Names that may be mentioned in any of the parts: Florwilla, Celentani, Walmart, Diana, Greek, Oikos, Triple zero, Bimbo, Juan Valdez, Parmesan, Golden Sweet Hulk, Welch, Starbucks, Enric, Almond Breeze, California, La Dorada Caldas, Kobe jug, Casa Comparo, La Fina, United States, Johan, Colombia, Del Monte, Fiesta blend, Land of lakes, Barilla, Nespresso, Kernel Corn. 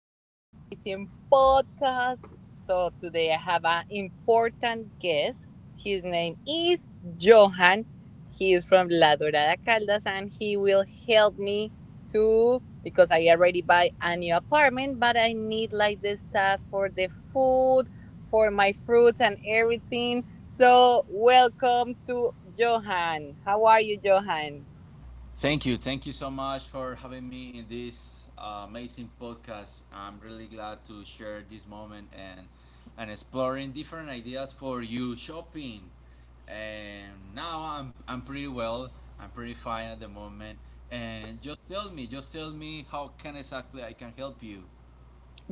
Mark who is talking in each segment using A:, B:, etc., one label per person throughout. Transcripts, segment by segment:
A: to our amazing podcast. So today I have an important guest. His name is Johan. He is from La Dorada Caldas and he will help me to, because I already buy a new apartment, but I need like the stuff for the food, for my fruits and everything. So welcome to Johan. How are you, Johan?
B: Thank you. Thank you so much for having me in this amazing podcast. I'm really glad to share this moment and exploring different ideas for you shopping. And now I'm pretty well. I'm pretty fine at the moment. And just tell me how can exactly I can help you.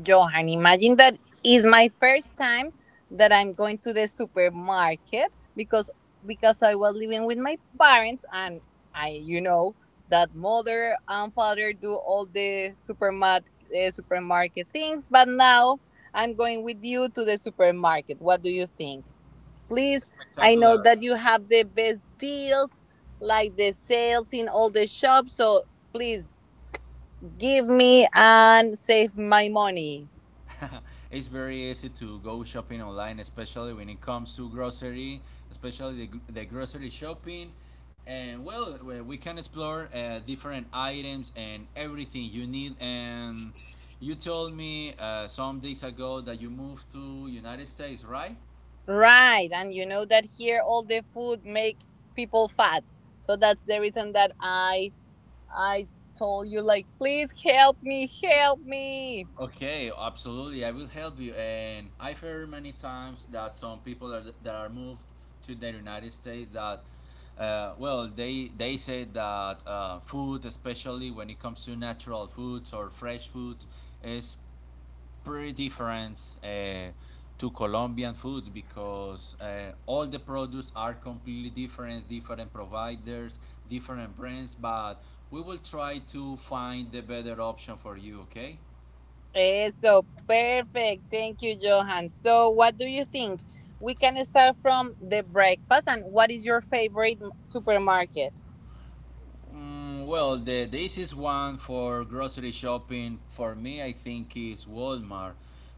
A: Johan, imagine that is my first time that I'm going to the supermarket because I was living with my parents and I, you know, that mother and father do all the supermarket supermarket things, but now I'm going with you to the supermarket. What do you think? Please, I know
B: Spectacular.
A: that you have the best deals like the sales in all the shops, so please give me and save my money.
B: It's very easy to go shopping online, especially when it comes to grocery, especially the grocery shopping. And well, we can explore different items and everything you need. And you told me some days ago that you moved to United States, right?
A: Right, and you know that here all the food make people fat. So that's the reason that I told you, like, please help me, help me.
B: Okay, absolutely. I will help you. And I've heard many times that some that are moved to the United States well, they say that food, especially when it comes to natural foods or fresh food, is pretty different uh, to Colombian food because all the products are completely different, different providers, different brands. But we will try to find the better option for you. Okay.
A: Eso, perfect. Thank you, Johan. So what do you think? We can start from the breakfast, and what is your favorite supermarket?
B: Mm, well, the easiest one for grocery shopping for me, I think, is Walmart.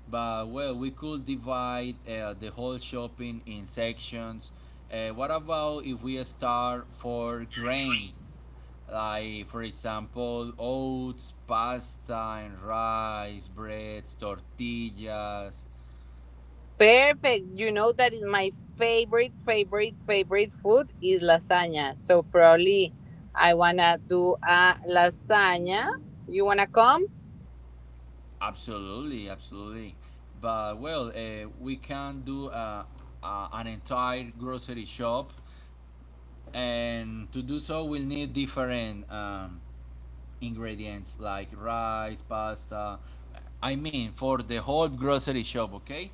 B: But well, we could divide the whole shopping in sections. What about if we start for grains, like for example, oats, pasta, and rice, breads, tortillas?
A: Perfect. You know that is my favorite, favorite, favorite food is lasagna. So probably I wanna do a lasagna. You wanna come?
B: Absolutely, absolutely. But well, we can do an entire grocery shop, and to do so we'll need different ingredients like rice, pasta. I mean, for the whole grocery shop. Okay,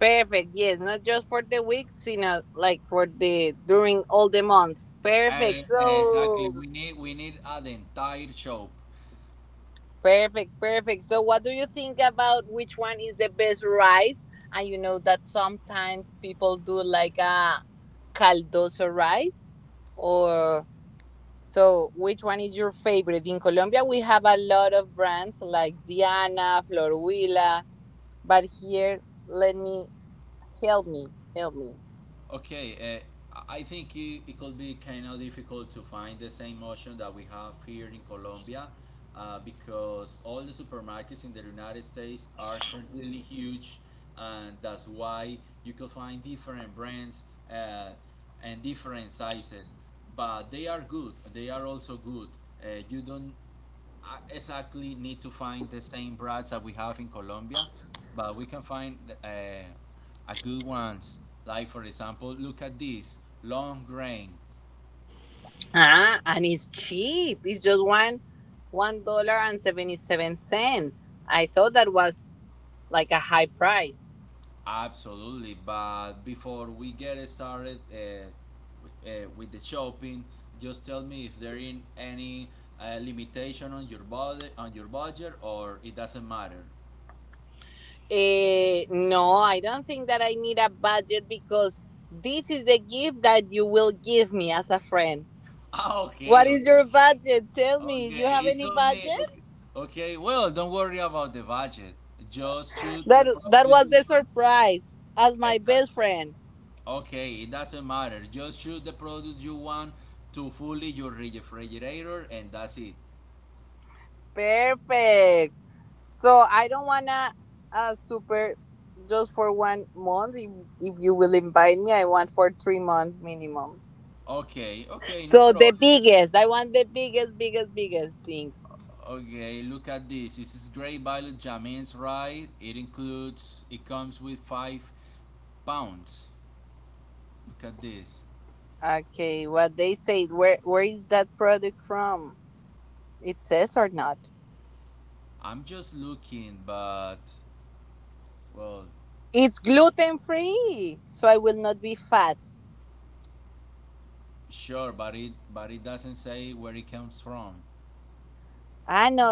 A: Perfect. Yes, not just for the week, sino like for the during all the month. Perfect.
B: and exactly
A: So
B: we need, we need an entire shop.
A: perfect, perfect. So what do you think about which one is the best rice? And you know that sometimes people do like a caldoso rice or, so, which one is your favorite? In Colombia, we have a lot of brands like Diana, Florwilla, but here, let me, help me, help me.
B: Okay, I think it could be kind of difficult to find the same option that we have here in Colombia because all the supermarkets in the United States are completely huge, and that's why you could find different brands uh, and different sizes. But they are good, they are also good. You don't, I exactly need to find the same brands that we have in Colombia, but we can find a good ones. Like for example, look at this long grain.
A: Ah, and it's cheap. It's just one dollar and 77 cents. I thought that was like a high price.
B: Absolutely, but before we get started with the shopping, just tell me if there in any limitation on your budget, or it doesn't matter.
A: Eh, no, I don't think that I need a budget because this is the gift that you will give me as a friend.
B: Ah, okay,
A: What
B: okay.
A: is your budget? Tell me, you
B: Okay,
A: have
B: it's
A: any
B: on me.
A: budget?
B: Okay. Okay, well, don't worry about the budget. Just choose
A: That
B: the
A: that
B: produce
A: was the
B: you want.
A: surprise as my
B: Exactly.
A: best friend.
B: Okay, it doesn't matter. Just choose the produce you want to fully your refrigerator, and that's it.
A: Perfect. So I don't wanna super just for one month. If you will invite me, I want for 3 months minimum.
B: Okay, okay, no
A: So the
B: problem.
A: biggest, I want the biggest, biggest, biggest things.
B: Okay, look at this. This is great value jamins, right? It includes. It comes with 5 pounds. Look at this.
A: Okay, what they say? Where is that product from? It says or not?
B: I'm just looking, but well,
A: It's gluten free, so I will not be fat.
B: sure, but it doesn't say where it comes from.
A: I know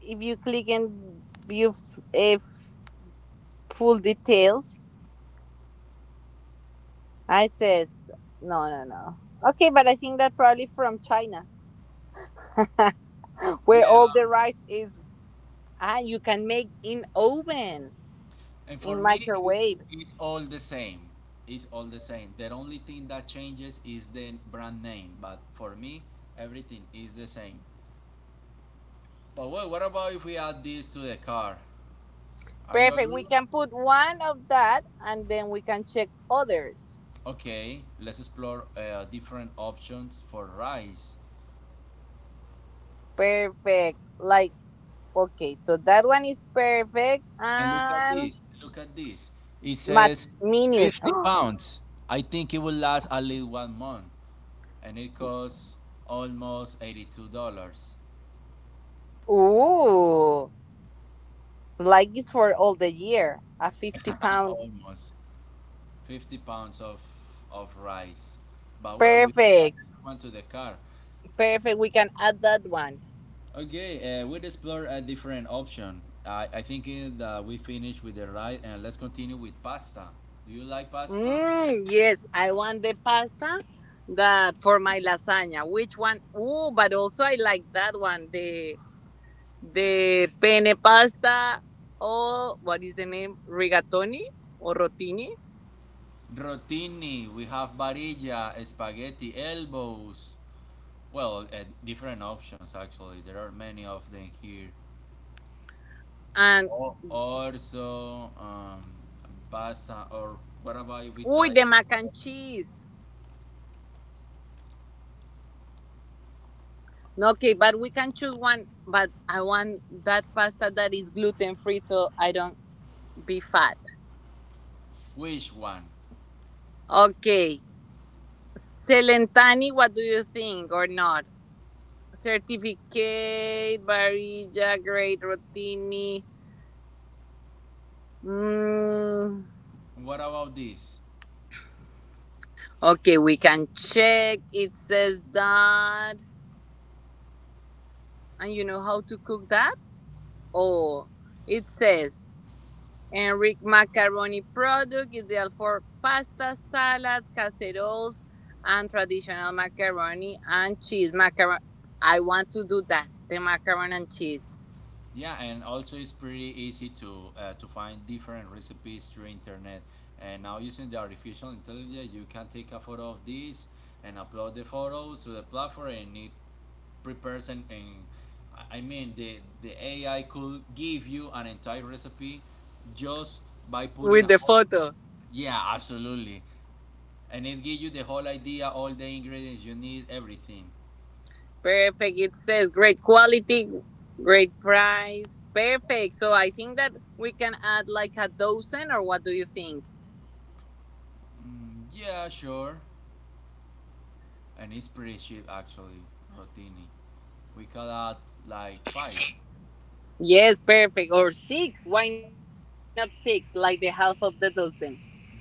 A: if you click and if full details. I says, no, no, no. Okay, but I think that probably from China, where
B: Yeah,
A: all the rice is, ah, you can make in oven,
B: and for
A: in
B: me, it's
A: microwave.
B: it's all the same. It's all the same. The only thing that changes is the brand name, but for me, everything is the same. But wait, what about if we add this to the car? Are you
A: Perfect.
B: agree?
A: We can put one of that and then we can check others.
B: Okay, let's explore different options for rice.
A: Perfect. Like, okay, so that one is perfect.
B: And look at
A: And
B: this. Look at this. It
A: mat
B: says
A: minute.
B: 50 pounds. I think it will last at least one month, and it costs almost $82.
A: Ooh, like it's for all the year. A 50 pound.
B: Almost 50 pounds of rice. But well, we can add
A: Perfect.
B: this one to the car.
A: Perfect. We can add that one.
B: Okay, we'll explore a different option. I think that we finished with the rice, and let's continue with pasta. Do you like pasta?
A: Mm, yes, I want the pasta that for my lasagna. Which one? Ooh, but also I like that one. The penne pasta, or what is the name? Rigatoni or rotini?
B: Rotini. We have varilla, spaghetti, elbows. Well, different options actually. There are many of them here.
A: And
B: Or also Basa or whatever we
A: ooh,
B: type.
A: the mac and cheese. No, okay, but we can choose one. But I want that pasta that is gluten free, so I don't be fat.
B: Which one?
A: Okay, Celentani, what do you think or not? Certificate, Barilla, Great Rotini. Mm.
B: What about this?
A: Okay, we can check. It says that. And you know how to cook that? Oh, it says Enric macaroni product, ideal for pasta, salad, casseroles, and traditional macaroni and cheese. Macaron. I want to do that. The macaroni and cheese
B: Yeah, and also it's pretty easy to find different recipes through internet. And now using the artificial intelligence, you can take a photo of this and upload the photo to the platform, and it prepares and I mean the AI could give you an entire recipe just by putting
A: with
B: a
A: the
B: photo.
A: photo.
B: Yeah, absolutely. And it gives you the whole idea, all the ingredients you need, everything.
A: Perfect. It says great quality, great price. Perfect. So I think that we can add like a dozen, or what do you think?
B: Mm, yeah, sure. And it's pretty cheap actually, rotini. We call that like five.
A: Yes, perfect. Or six. Why not six? Like the half of the dozen.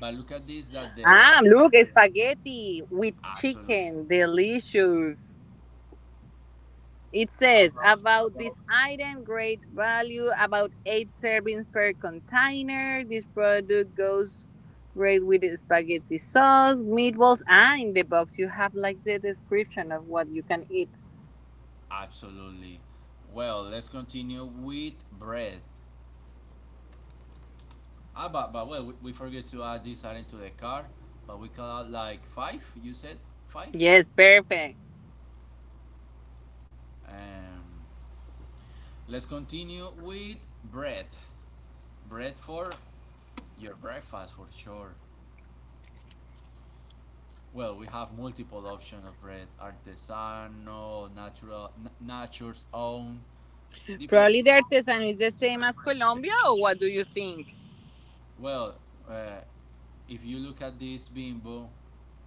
B: But look at this
A: Ah,
B: that they
A: look,
B: are
A: spaghetti with
B: absolute.
A: chicken. Delicious. It says
B: about
A: about this
B: about
A: item, great value, about 8 servings per container. This product goes great with spaghetti sauce, meatballs, ah, in the box you have like the description of what you can eat.
B: absolutely. Well, let's continue with bread. Ah, but well, we forget to add this item to the car, but we call out like five. You said five.
A: Yes, perfect.
B: Um, let's continue with bread. Bread for your breakfast for sure. Well, we have multiple options of bread: artisanal, natural, nature's own, different,
A: Probably the artisan is the same
B: different
A: as Colombia,
B: presentation.
A: or what do you think?
B: Well, uh, if you look at this bimbo,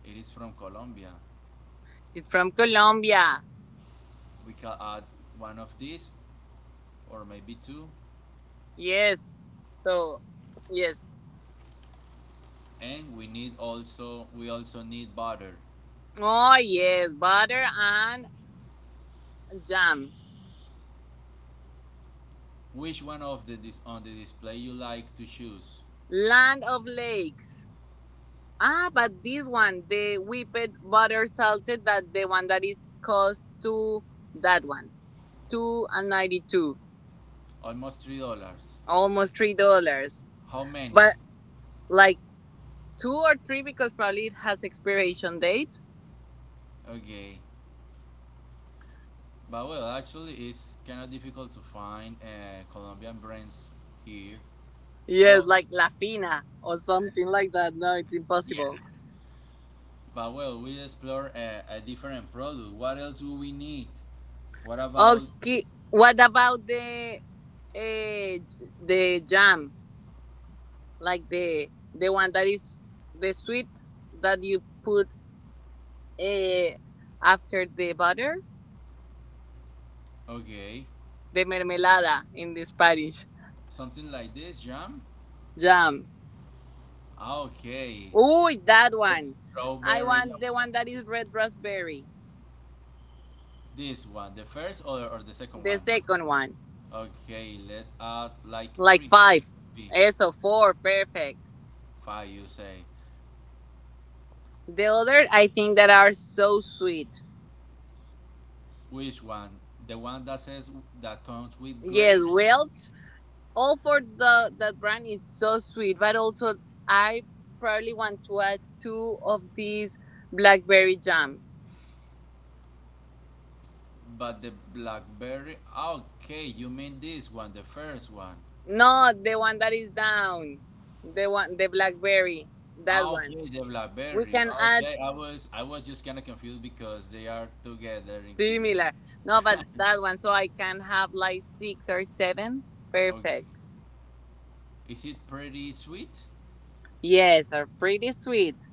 B: it is from Colombia.
A: It's from Colombia.
B: We can add one of these, or maybe two,
A: Yes. So, yes.
B: and we need also we also need butter.
A: Oh, yes, butter and jam.
B: Which one of the on the display you like to choose?
A: Land of Lakes. Ah, but this one, the whipped butter salted, that the one that is cost two, that one, 2.92,
B: Almost $3.
A: almost $3.
B: How many?
A: But like two or three because probably it has expiration date.
B: Okay. But well, actually, it's kind of difficult to find Colombian brands here.
A: Yes,
B: Pro,
A: like La Fina or something like that. No, it's
B: yeah.
A: impossible.
B: But well, we explore a different product. What else do we need? What about,
A: Okay, what about uh, the jam? Like the one that is the sweet that you put uh, after the butter?
B: okay,
A: The mermelada in the Spanish.
B: something like this jam?
A: Jam.
B: Ah, okay,
A: Ooh, that one. I
B: strawberry.
A: want the one that is red raspberry.
B: This one, the first or the second
A: The
B: one?
A: second one.
B: Okay, let's add like
A: Like
B: three, it
A: five. Eso, four. Perfect.
B: five. You say
A: The other, I think that are so sweet.
B: which one? The one that says that comes with
A: Yes,
B: grapes.
A: Welch. All for the that brand is so sweet, but also I probably want to add two of these blackberry jam.
B: But the BlackBerry, okay, you mean this one, the first one.
A: No, the one that is down. The one, the blackberry. That one.
B: Okay, the
A: We
B: BlackBerry.
A: can add
B: Okay, I was just kind of confused because they are together in
A: similar.
B: here.
A: No, but that one, so I can have like six or seven.
B: Oh,
A: Perfect.
B: is it pretty sweet?
A: Yes, are pretty sweet.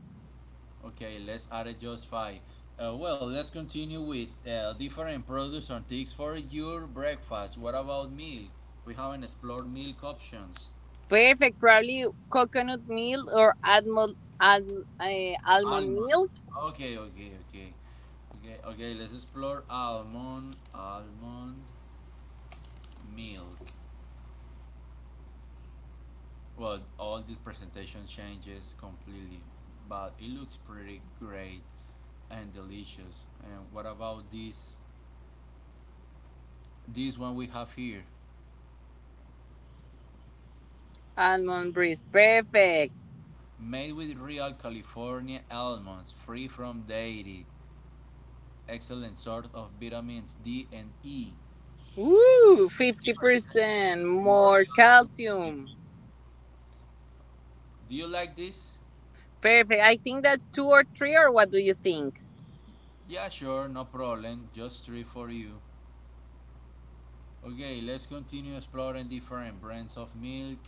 B: Okay, let's add it just five. Well, let's continue with different products and things for your breakfast. What about milk? We haven't explored milk options.
A: Perfect. Probably coconut milk or almond almond
B: Almond.
A: milk,
B: Okay, okay, okay. Okay, okay, let's explore almond, almond milk. Well, all this presentation changes completely, but it looks pretty great and delicious. And what about this? This one we have here,
A: almond breeze. Perfect.
B: made with real California almonds, free from dairy, excellent source of vitamins D and E,
A: Woo, fifty
B: 50%
A: percent
B: more
A: more
B: calcium than milk.
A: calcium.
B: Do you like this?
A: Perfect. I think that two or three, or what do you think?
B: Yeah, sure, no problem. Just three for you. Okay, let's continue exploring different brands of milk.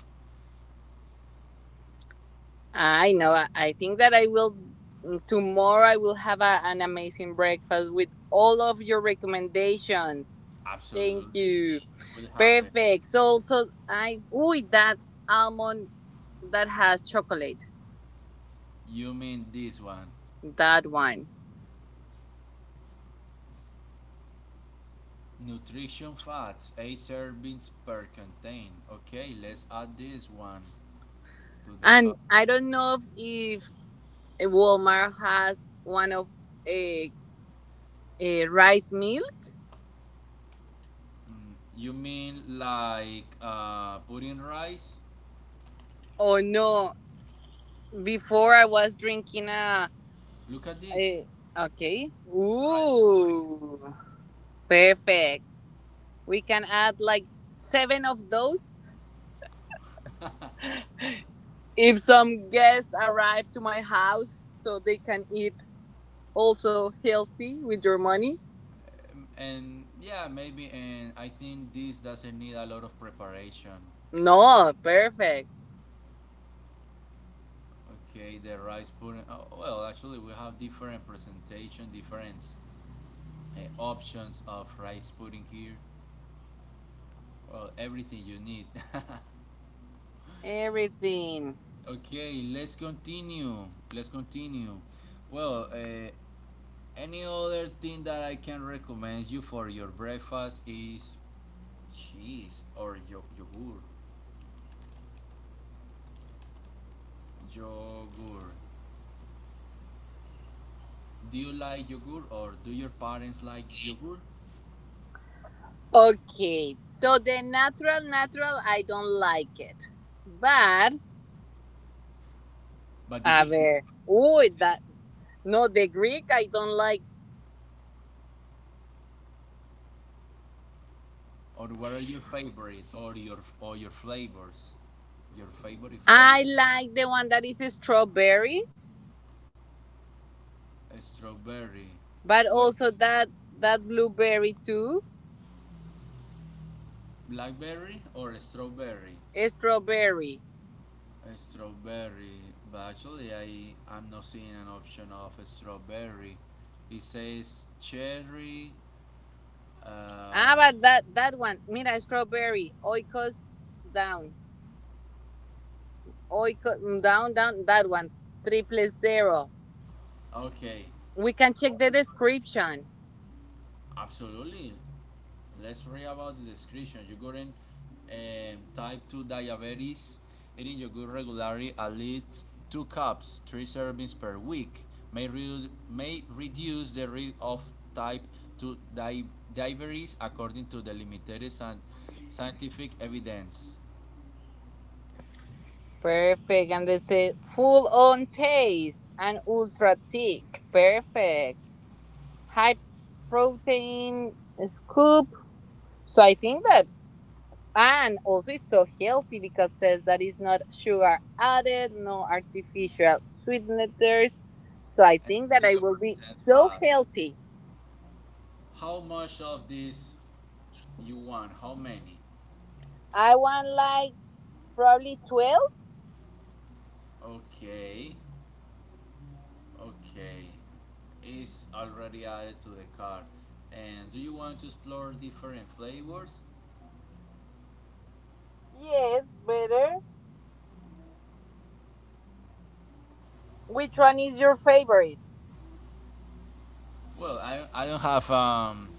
A: I know. I think that I will, mm, tomorrow. I will have a, an amazing breakfast with all of your recommendations. Thank
B: Absolutely.
A: you.
B: You will have it.
A: Perfect. So, so I, ooh, that almond that has chocolate.
B: You mean this one.
A: That one.
B: Nutrition fats, 8 servings per contain. Okay, let's add this one to the
A: And
B: cup.
A: I don't know if Walmart has one of a, a rice meal
B: You mean like pudding rice?
A: or no. Before I was drinking a,
B: Look at this.
A: a okay.
B: Rice pudding.
A: Ooh, perfect. We can add like seven of those if some guests arrive to my house so they can eat also healthy with your money.
B: And yeah, maybe. And I think this doesn't need a lot of preparation.
A: No, perfect.
B: Okay, the rice pudding. Oh, well, actually, we have different presentation, different options of rice pudding here. Well, everything you need.
A: Everything.
B: Okay, let's continue. Let's continue. Well, any other thing that I can recommend you for your breakfast is cheese or yogurt. Yogurt. Do you like yogurt or do your parents like yogurt?
A: Okay, so the natural, natural, I don't like it. But,
B: But this
A: a
B: is Greek.
A: ver, uy,
B: This is,
A: that, no, the Greek, I don't like
B: or what are your favorite or your flavors? Your favorite
C: I
B: flavor?
C: like the one that is strawberry,
B: Strawberry.
C: but
B: Well,
C: also that blueberry too.
B: blackberry or strawberry?
C: Strawberry.
B: A strawberry, but actually I'm not seeing an option of a strawberry. It says cherry.
C: Ah,
B: Um,
C: but that one. Mira, strawberry. Oikos down. Oikos down down. That one. Triple zero.
B: okay,
C: We can check the description.
B: absolutely. Let's read about the description. You couldn't type 2 diabetes, eating yogurt regularly at least 2 cups, 3 servings per week, may reduce the risk of type 2 diabetes according to the limited and scientific evidence.
C: Perfect. And they say full on taste and ultra thick. Perfect. High protein scoop. So I think that. And also, it's so healthy because it says that it's not sugar added, no artificial sweeteners. So I
B: And
C: think that I will be
B: 0%
C: so
B: fat.
C: healthy.
B: How much of this you want? How many?
C: I want like probably 12.
B: Okay. Okay, it's already added to the cart. And do you want to explore different flavors?
C: Yes, better. Which one is your favorite?
B: Well, I don't have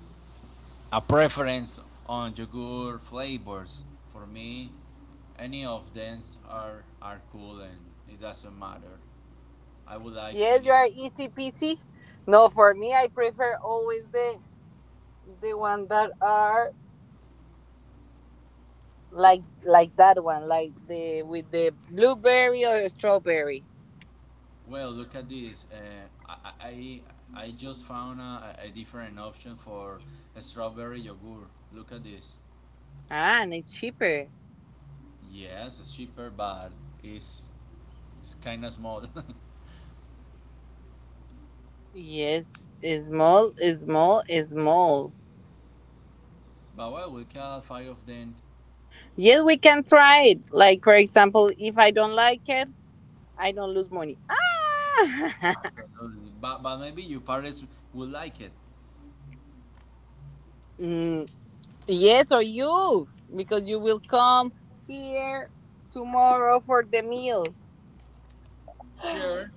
B: a preference on yogurt flavors. For me, any of them are cool and it doesn't matter. I would like
C: Yes,
B: any
C: you
B: of
C: are
B: them.
C: easy peasy. No, for me, I prefer always the one that are like that one, like the with the blueberry or strawberry.
B: Well, look at this. I, I just found a different option for a strawberry yogurt. Look at this.
C: Ah, and it's cheaper.
B: Yes, it's cheaper, but it's It's kinda small.
C: Yes, small, small, small.
B: But why would Cal fight off then?
C: Yes, we can try it. Like, for example, if I don't like it, I don't lose money. Ah!
B: Absolutely. But maybe your parents will like it.
C: Mm, yes, or you, because you will come here tomorrow for the meal.
B: Sure.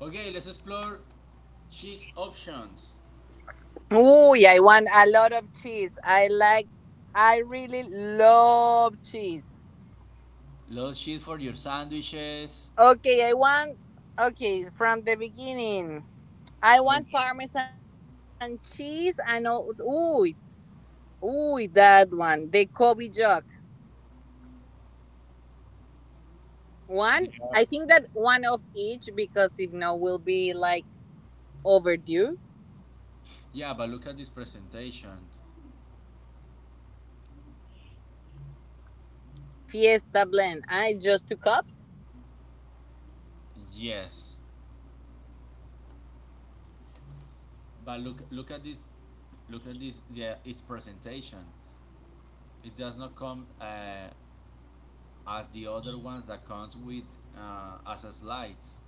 B: Okay, let's explore cheese options.
C: Oh, I want a lot of cheese. I really love cheese.
B: Lots cheese for your sandwiches.
C: Okay, okay, from the beginning. I
B: Okay.
C: want Parmesan cheese and all. Ooh, that one, the Kobe jug.
B: They
C: One,
B: are-
C: I think that one of each because if no, will be like overdue.
B: Yeah, but look at this presentation.
C: Fiesta blend. I just 2 cups.
B: Yes. But look at this, look at this, yeah, its presentation. It does not come as the other ones that comes with as a slides.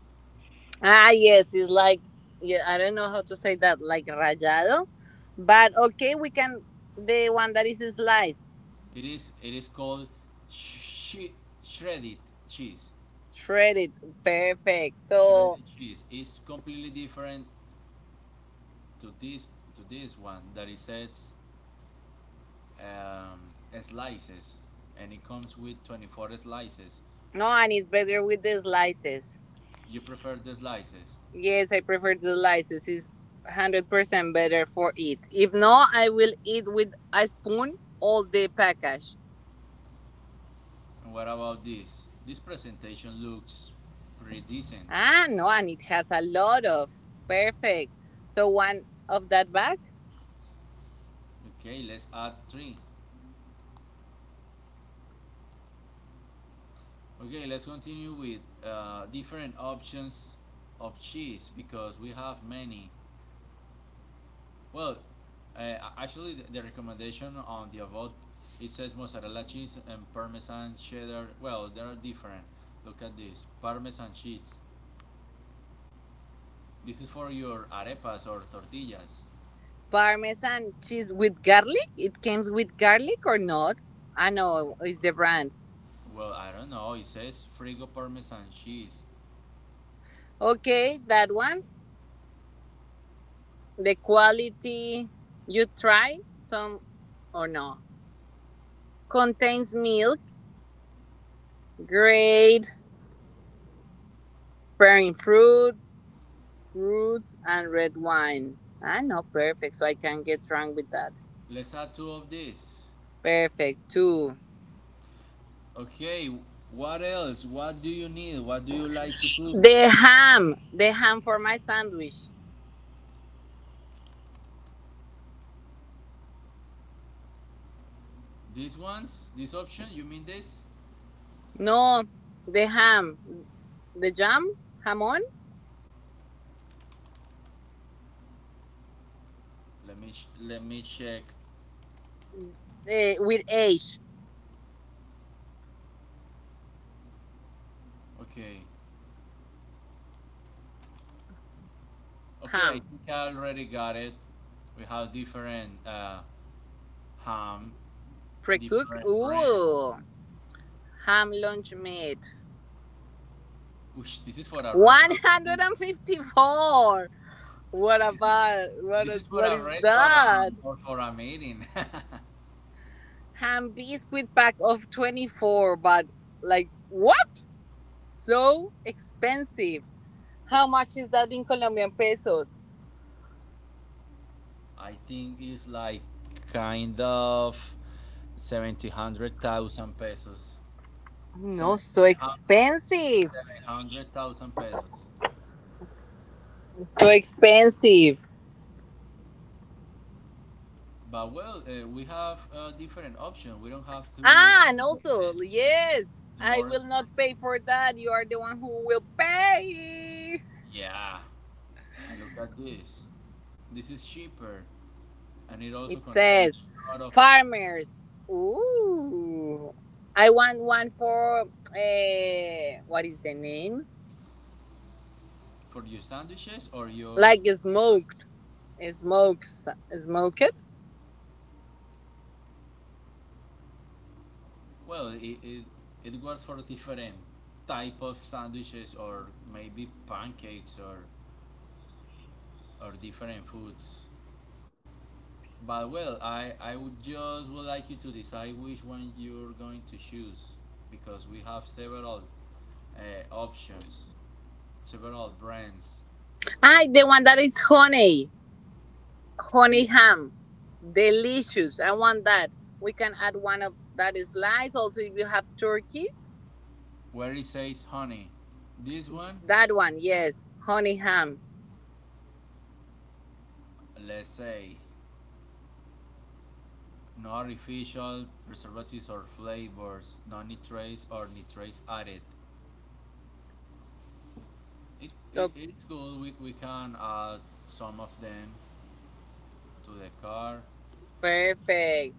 C: Ah, yes, it's like yeah. I don't know how to say that, like rayado, but okay, we can the one that is sliced,
B: It is called sh- shredded cheese.
C: shredded, perfect. So
B: Shredded cheese is completely different to this, to this one that it says um, slices, and it comes with 24 slices.
C: no, and it's better with the slices.
B: You prefer the slices.
C: Yes, I prefer the slices. It's 100% better for it. If no, I will eat with a spoon all the package.
B: And what about this? This presentation looks pretty decent.
C: Ah, no, and it has a lot of perfect. So one of that bag,
B: Okay, let's add three. Okay, let's continue with different options of cheese because we have many. Well, actually, the recommendation on the avot, it says mozzarella cheese and parmesan cheddar. Well, they are different. Look at this parmesan cheese. This is for your arepas or tortillas.
C: parmesan cheese with garlic. It comes with garlic or not? I know it's the brand.
B: Well, I don't know. It says frigo parmesan cheese.
C: Okay, that one. The quality you try some or no contains milk, grade, bearing fruit, fruits and red wine. I know perfect, so I can get drunk with that.
B: Let's add two of this.
C: Perfect too.
B: Okay, what else? What do you need? What do you like to cook?
C: The ham for my sandwich.
B: These ones, this option. You mean this?
C: No, the ham, the jam, jamon
B: Let me let me check.
C: with H,
B: Okay, okay, I
C: ham,
B: think I already got it. We have different ham,
C: pre-cooked.
B: different brands.
C: Ooh, ham lunch meat.
B: Which this is for a
C: One
B: restaurant.
C: hundred and fifty-four. What
B: This is,
C: about what?
B: this is for
C: What
B: a
C: is
B: restaurant
C: that?
B: or for a meeting.
C: Ham biscuit pack of 24, but like what? So expensive. How much is that in Colombian pesos?
B: I think it's like kind of seventy hundred thousand pesos.
C: No,
B: Seven
C: so
B: seven hundred
C: expensive.
B: seven hundred thousand pesos.
C: So expensive.
B: But well, we have different option. We don't have to
C: Ah, and
B: get
C: also, yes,
B: the
C: I
B: more
C: will not
B: expensive.
C: pay for that. You are the one who will pay.
B: Yeah, and look at this. This is cheaper, and it also
C: It
B: contains
C: says
B: a lot of
C: farmers. Ooh. I want one for what is the name?
B: for your sandwiches or your
C: Like
B: burritos.
C: smoked. Smokes. Smoked?
B: Well, it works for different type of sandwiches or maybe pancakes or different foods. But well, I would just would like you to decide which one you're going to choose because we have several options, several brands.
C: I the one that is honey,
B: We
C: ham, delicious. I want that. We can add one of that is slice. Also, if you have turkey,
B: where it says honey. This one,
C: that one, yes, honey ham.
B: let's say, no artificial preservatives or flavors, no nitrates or nitrates added. It, it
C: So
B: it's good. We can add some of them to the car.
C: perfect.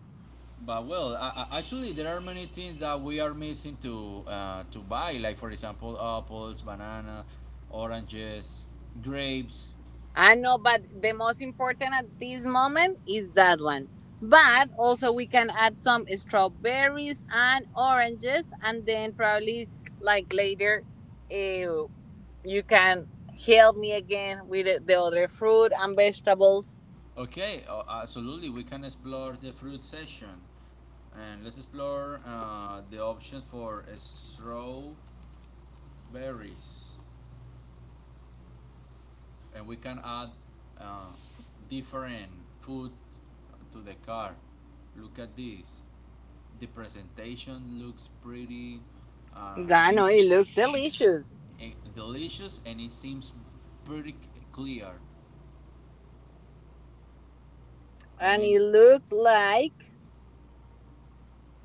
B: But well, actually, there are many things that we are missing to buy. Like for example, apples, banana, oranges, grapes.
C: I know, but the most important at this moment is that one. But also, we can add some strawberries and oranges, and then probably like later, uh, you can help me again with the other fruit and vegetables.
B: Okay, absolutely, we can explore the fruit section. And let's explore the options for strawberries. And we can add uh, different food to the cart. Look at this. The presentation looks pretty uh,
C: I know it looks delicious,
B: delicious and it seems pretty clear. I
C: and
B: mean,
C: it looks like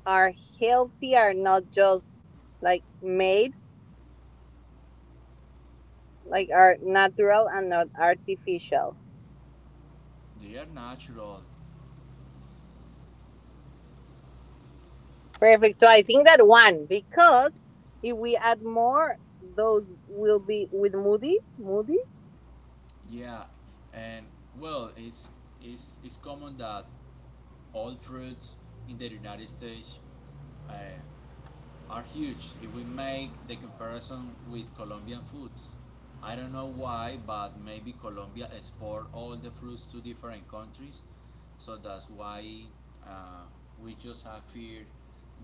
C: are healthy, are not just like made, like are natural and not artificial.
B: they are natural.
C: Perfect. So I think that one because if we add more, those will be with Moody. Moody.
B: Yeah, and well, it's common that all fruits in the United States uh, are huge. If we make the comparison with Colombian foods, I don't know why, but maybe Colombia export all the fruits to different countries, so that's why uh, we just have here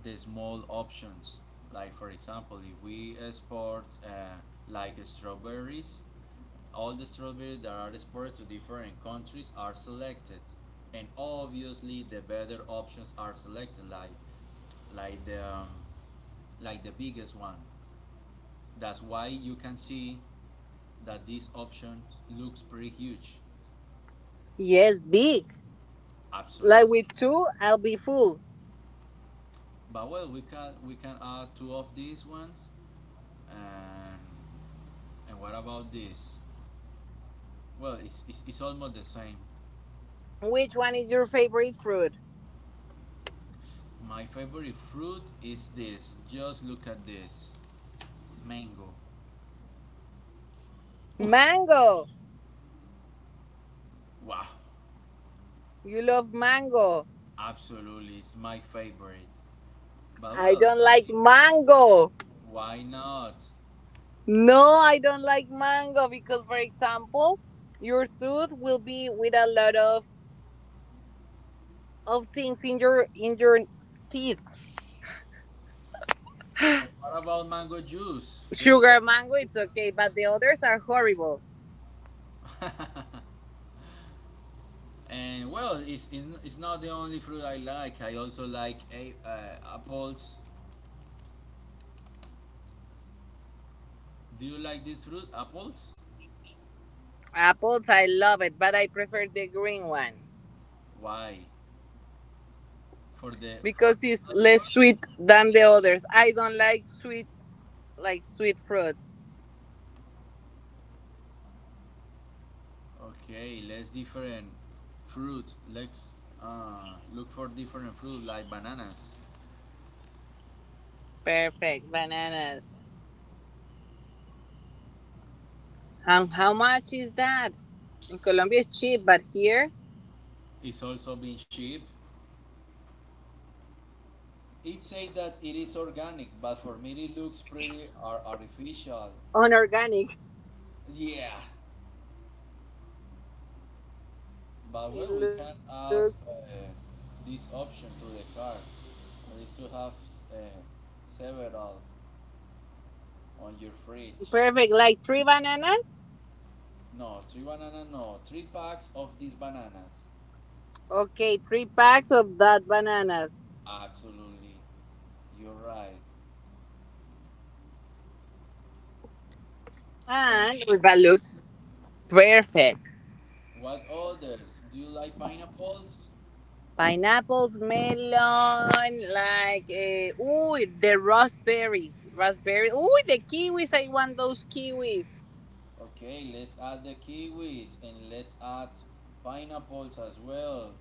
B: the small options. Like for example, if we export like strawberries all the strawberries that are exported to different countries are selected, and obviously the better options are selected, like like the um, like the biggest one. That's why you can see that this option looks pretty huge.
C: Yes, big. Like
B: Absolutely.
C: with two, I'll be full.
B: But well, we can add two of these ones, and and what about this? Well, it's almost the same.
C: Which one is your favorite fruit?
B: My favorite fruit is this. Just look at this. Mango. Oof.
C: Mango.
B: Wow.
C: You love mango.
B: Absolutely, it's my favorite. But
C: I
B: well,
C: don't like
B: I-
C: mango.
B: why not?
C: No, I don't like mango because, for example, your tooth will be with a lot of things in your teeth.
B: And what about mango juice? Don't you like
C: Sugar mango,
B: this?
C: it's okay, but the others are horrible.
B: and well, it's not the only fruit I like. I also like apples. Do you like this fruit, apples?
C: Apples, I love it, but I prefer the green one
B: Why? For the
C: because
B: for
C: it's
B: the
C: less
B: flavor?
C: sweet than the others. I don't like sweet fruits.
B: Okay, let's different fruit. Let's look for different fruit like bananas.
C: Perfect bananas. And how much is that? In Colombia, it's cheap, but here,
B: It's also been cheap. It say that it is organic, but for me it looks pretty ar- artificial.
C: unorganic.
B: Yeah, but
C: It
B: well, we can
C: looks
B: add this option to the car. At least to have uh, several on your fridge.
C: perfect. Like three bananas?
B: No, three banana. No, three packs of these bananas.
C: Okay, three packs of that bananas.
B: Absolutely, you're right. And
C: And well, that looks perfect.
B: what others? Do you like pineapples?
C: Pineapples, melon, like, ooh, the raspberries. Raspberries. Ooh, the kiwis. I want those kiwis.
B: Okay, let's add the kiwis and let's add pineapples as well.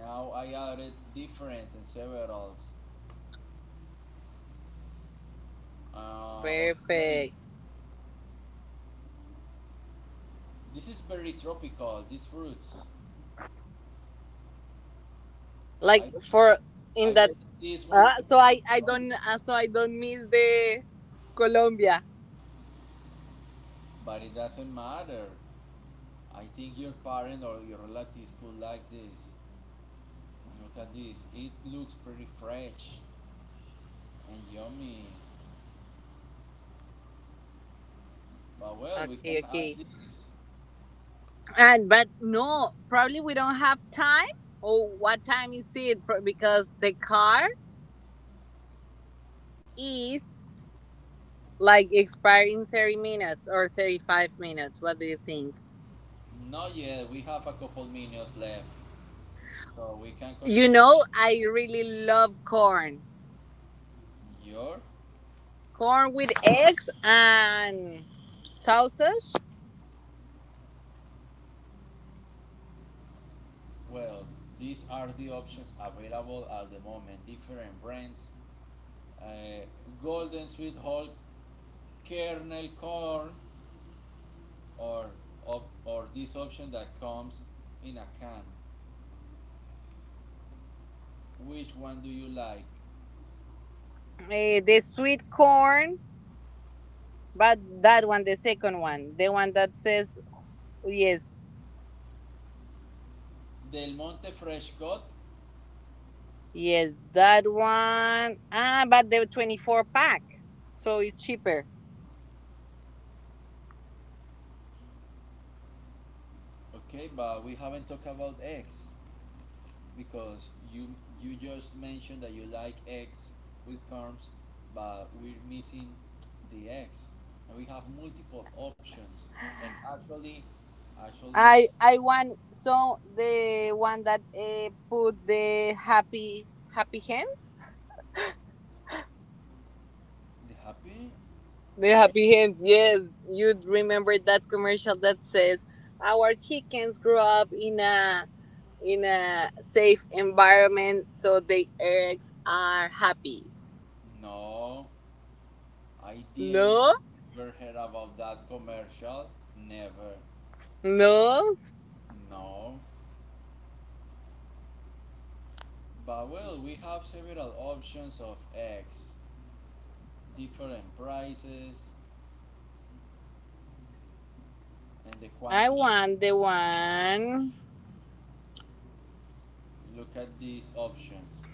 B: Now I added different and several. Uh,
C: Perfect.
B: okay, this is very tropical. These fruits,
C: Like
B: I,
C: for in
B: I
C: that.
B: bet these ones
C: Uh,
B: come
C: so I
B: from
C: I don't
B: Colombia,
C: uh, so I don't miss the Colombia.
B: but it doesn't matter. I think your parent or your relatives could like this. Look at this. It looks pretty fresh and yummy. But well, we
C: Okay,
B: can add
C: okay.
B: this.
C: And but no, probably we don't have time. Or what time is it? Because the car is like expiring 30 minutes or 35 minutes. What do you think?
B: Not yet. We have a couple minions left, so we can
C: You
B: continue.
C: know, I really love corn,
B: Your
C: corn with eggs and sausage.
B: well, these are the options available at the moment. Different brands: uh, Golden Sweet Hulk, Kernel Corn, or or this option that comes in a can. Which one do you like?
C: The sweet corn, but that one, the second one, the one that says yes,
B: Del Monte Fresh Cut.
C: yes, that one. Ah, but the 24 pack, so it's cheaper.
B: Okay, but we haven't talked about eggs, because you just mentioned that you like eggs with corns, but we're missing the eggs, and we have multiple options. And actually,
C: I want so the one that put the happy hands.
B: the happy
C: The
B: where?
C: happy hands, yes. You'd remember that commercial that says our chickens grow up in a safe environment so the eggs are happy.
B: No, I didn't
C: No,
B: ever heard about that commercial. Never.
C: no.
B: No. But well, we have several options of eggs, different prices, and the
C: I
B: quantity.
C: want
B: Of
C: the one
B: Look at these options.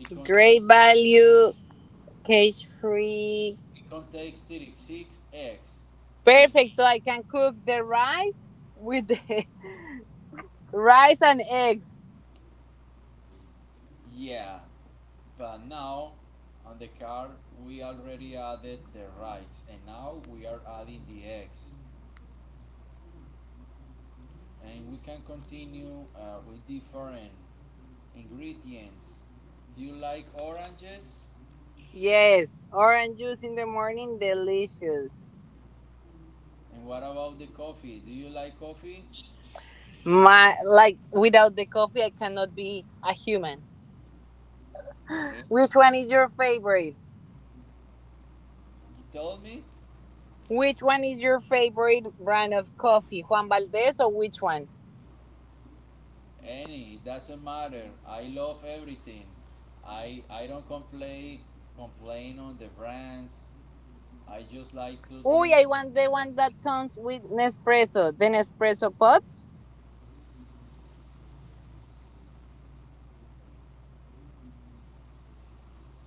B: It, contain,
C: great value, cage free,
B: it contains 36 eggs in.
C: perfect. So I can cook the rice with the rice and eggs.
B: Yeah, but now on the card we already added the rights and now we are adding the eggs. And we can continue with different ingredients. Do you like oranges?
C: Yes. Orange juice in the morning, delicious.
B: And what about the coffee? Do you like coffee?
C: My like without the coffee I cannot be a human.
B: Really?
C: Which one is your favorite?
B: You told me?
C: Which one is your favorite brand of coffee? Juan Valdez or which one?
B: Any, it doesn't matter. I love everything. I don't complain on the brands. I just like to
C: Uy,
B: drink.
C: I want the
B: That's
C: one
B: it.
C: that comes with Nespresso. The Nespresso pots.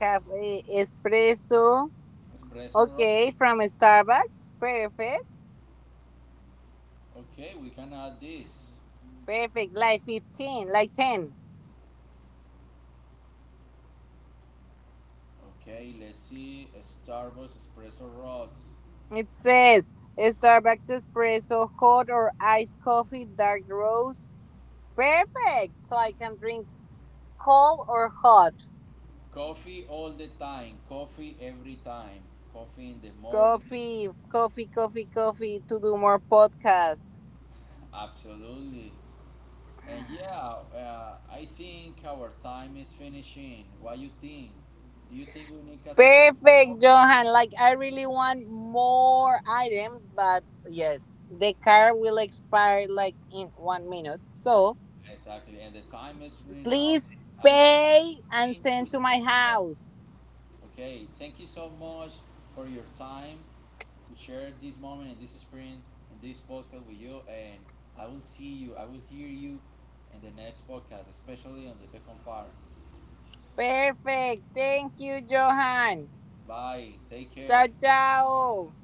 C: Cafe espresso.
B: Espresso roast.
C: Okay, from Starbucks. Perfect.
B: Okay, we can add this.
C: Perfect. Like 15, like 10.
B: Okay, let's see. Starbucks espresso rocks.
C: It says Starbucks espresso, hot or iced coffee, dark roast. Perfect. So I can drink cold or hot.
B: Coffee all the time. Coffee every time. Coffee in the morning.
C: Coffee, coffee, coffee, coffee to do more podcasts.
B: Absolutely. And yeah, I think our time is finishing. What you think? Do you think we need Casa Comparo?
C: Perfect, Johan. Like I really want more items, but yes, the card will expire like in 1 minute. So
B: Exactly. And the time is running out.
C: please
B: I think
C: pay
B: we
C: and
B: continue
C: send
B: with
C: to
B: Casa
C: my
B: Comparo.
C: house.
B: Okay. Thank you so much for your time to share this moment and this experience and this podcast with you. And I will see you. I will hear you in the next podcast, especially on the second part.
C: Perfect. Thank you, Johan.
B: Bye. Take
C: 加
B: care.
C: 加哦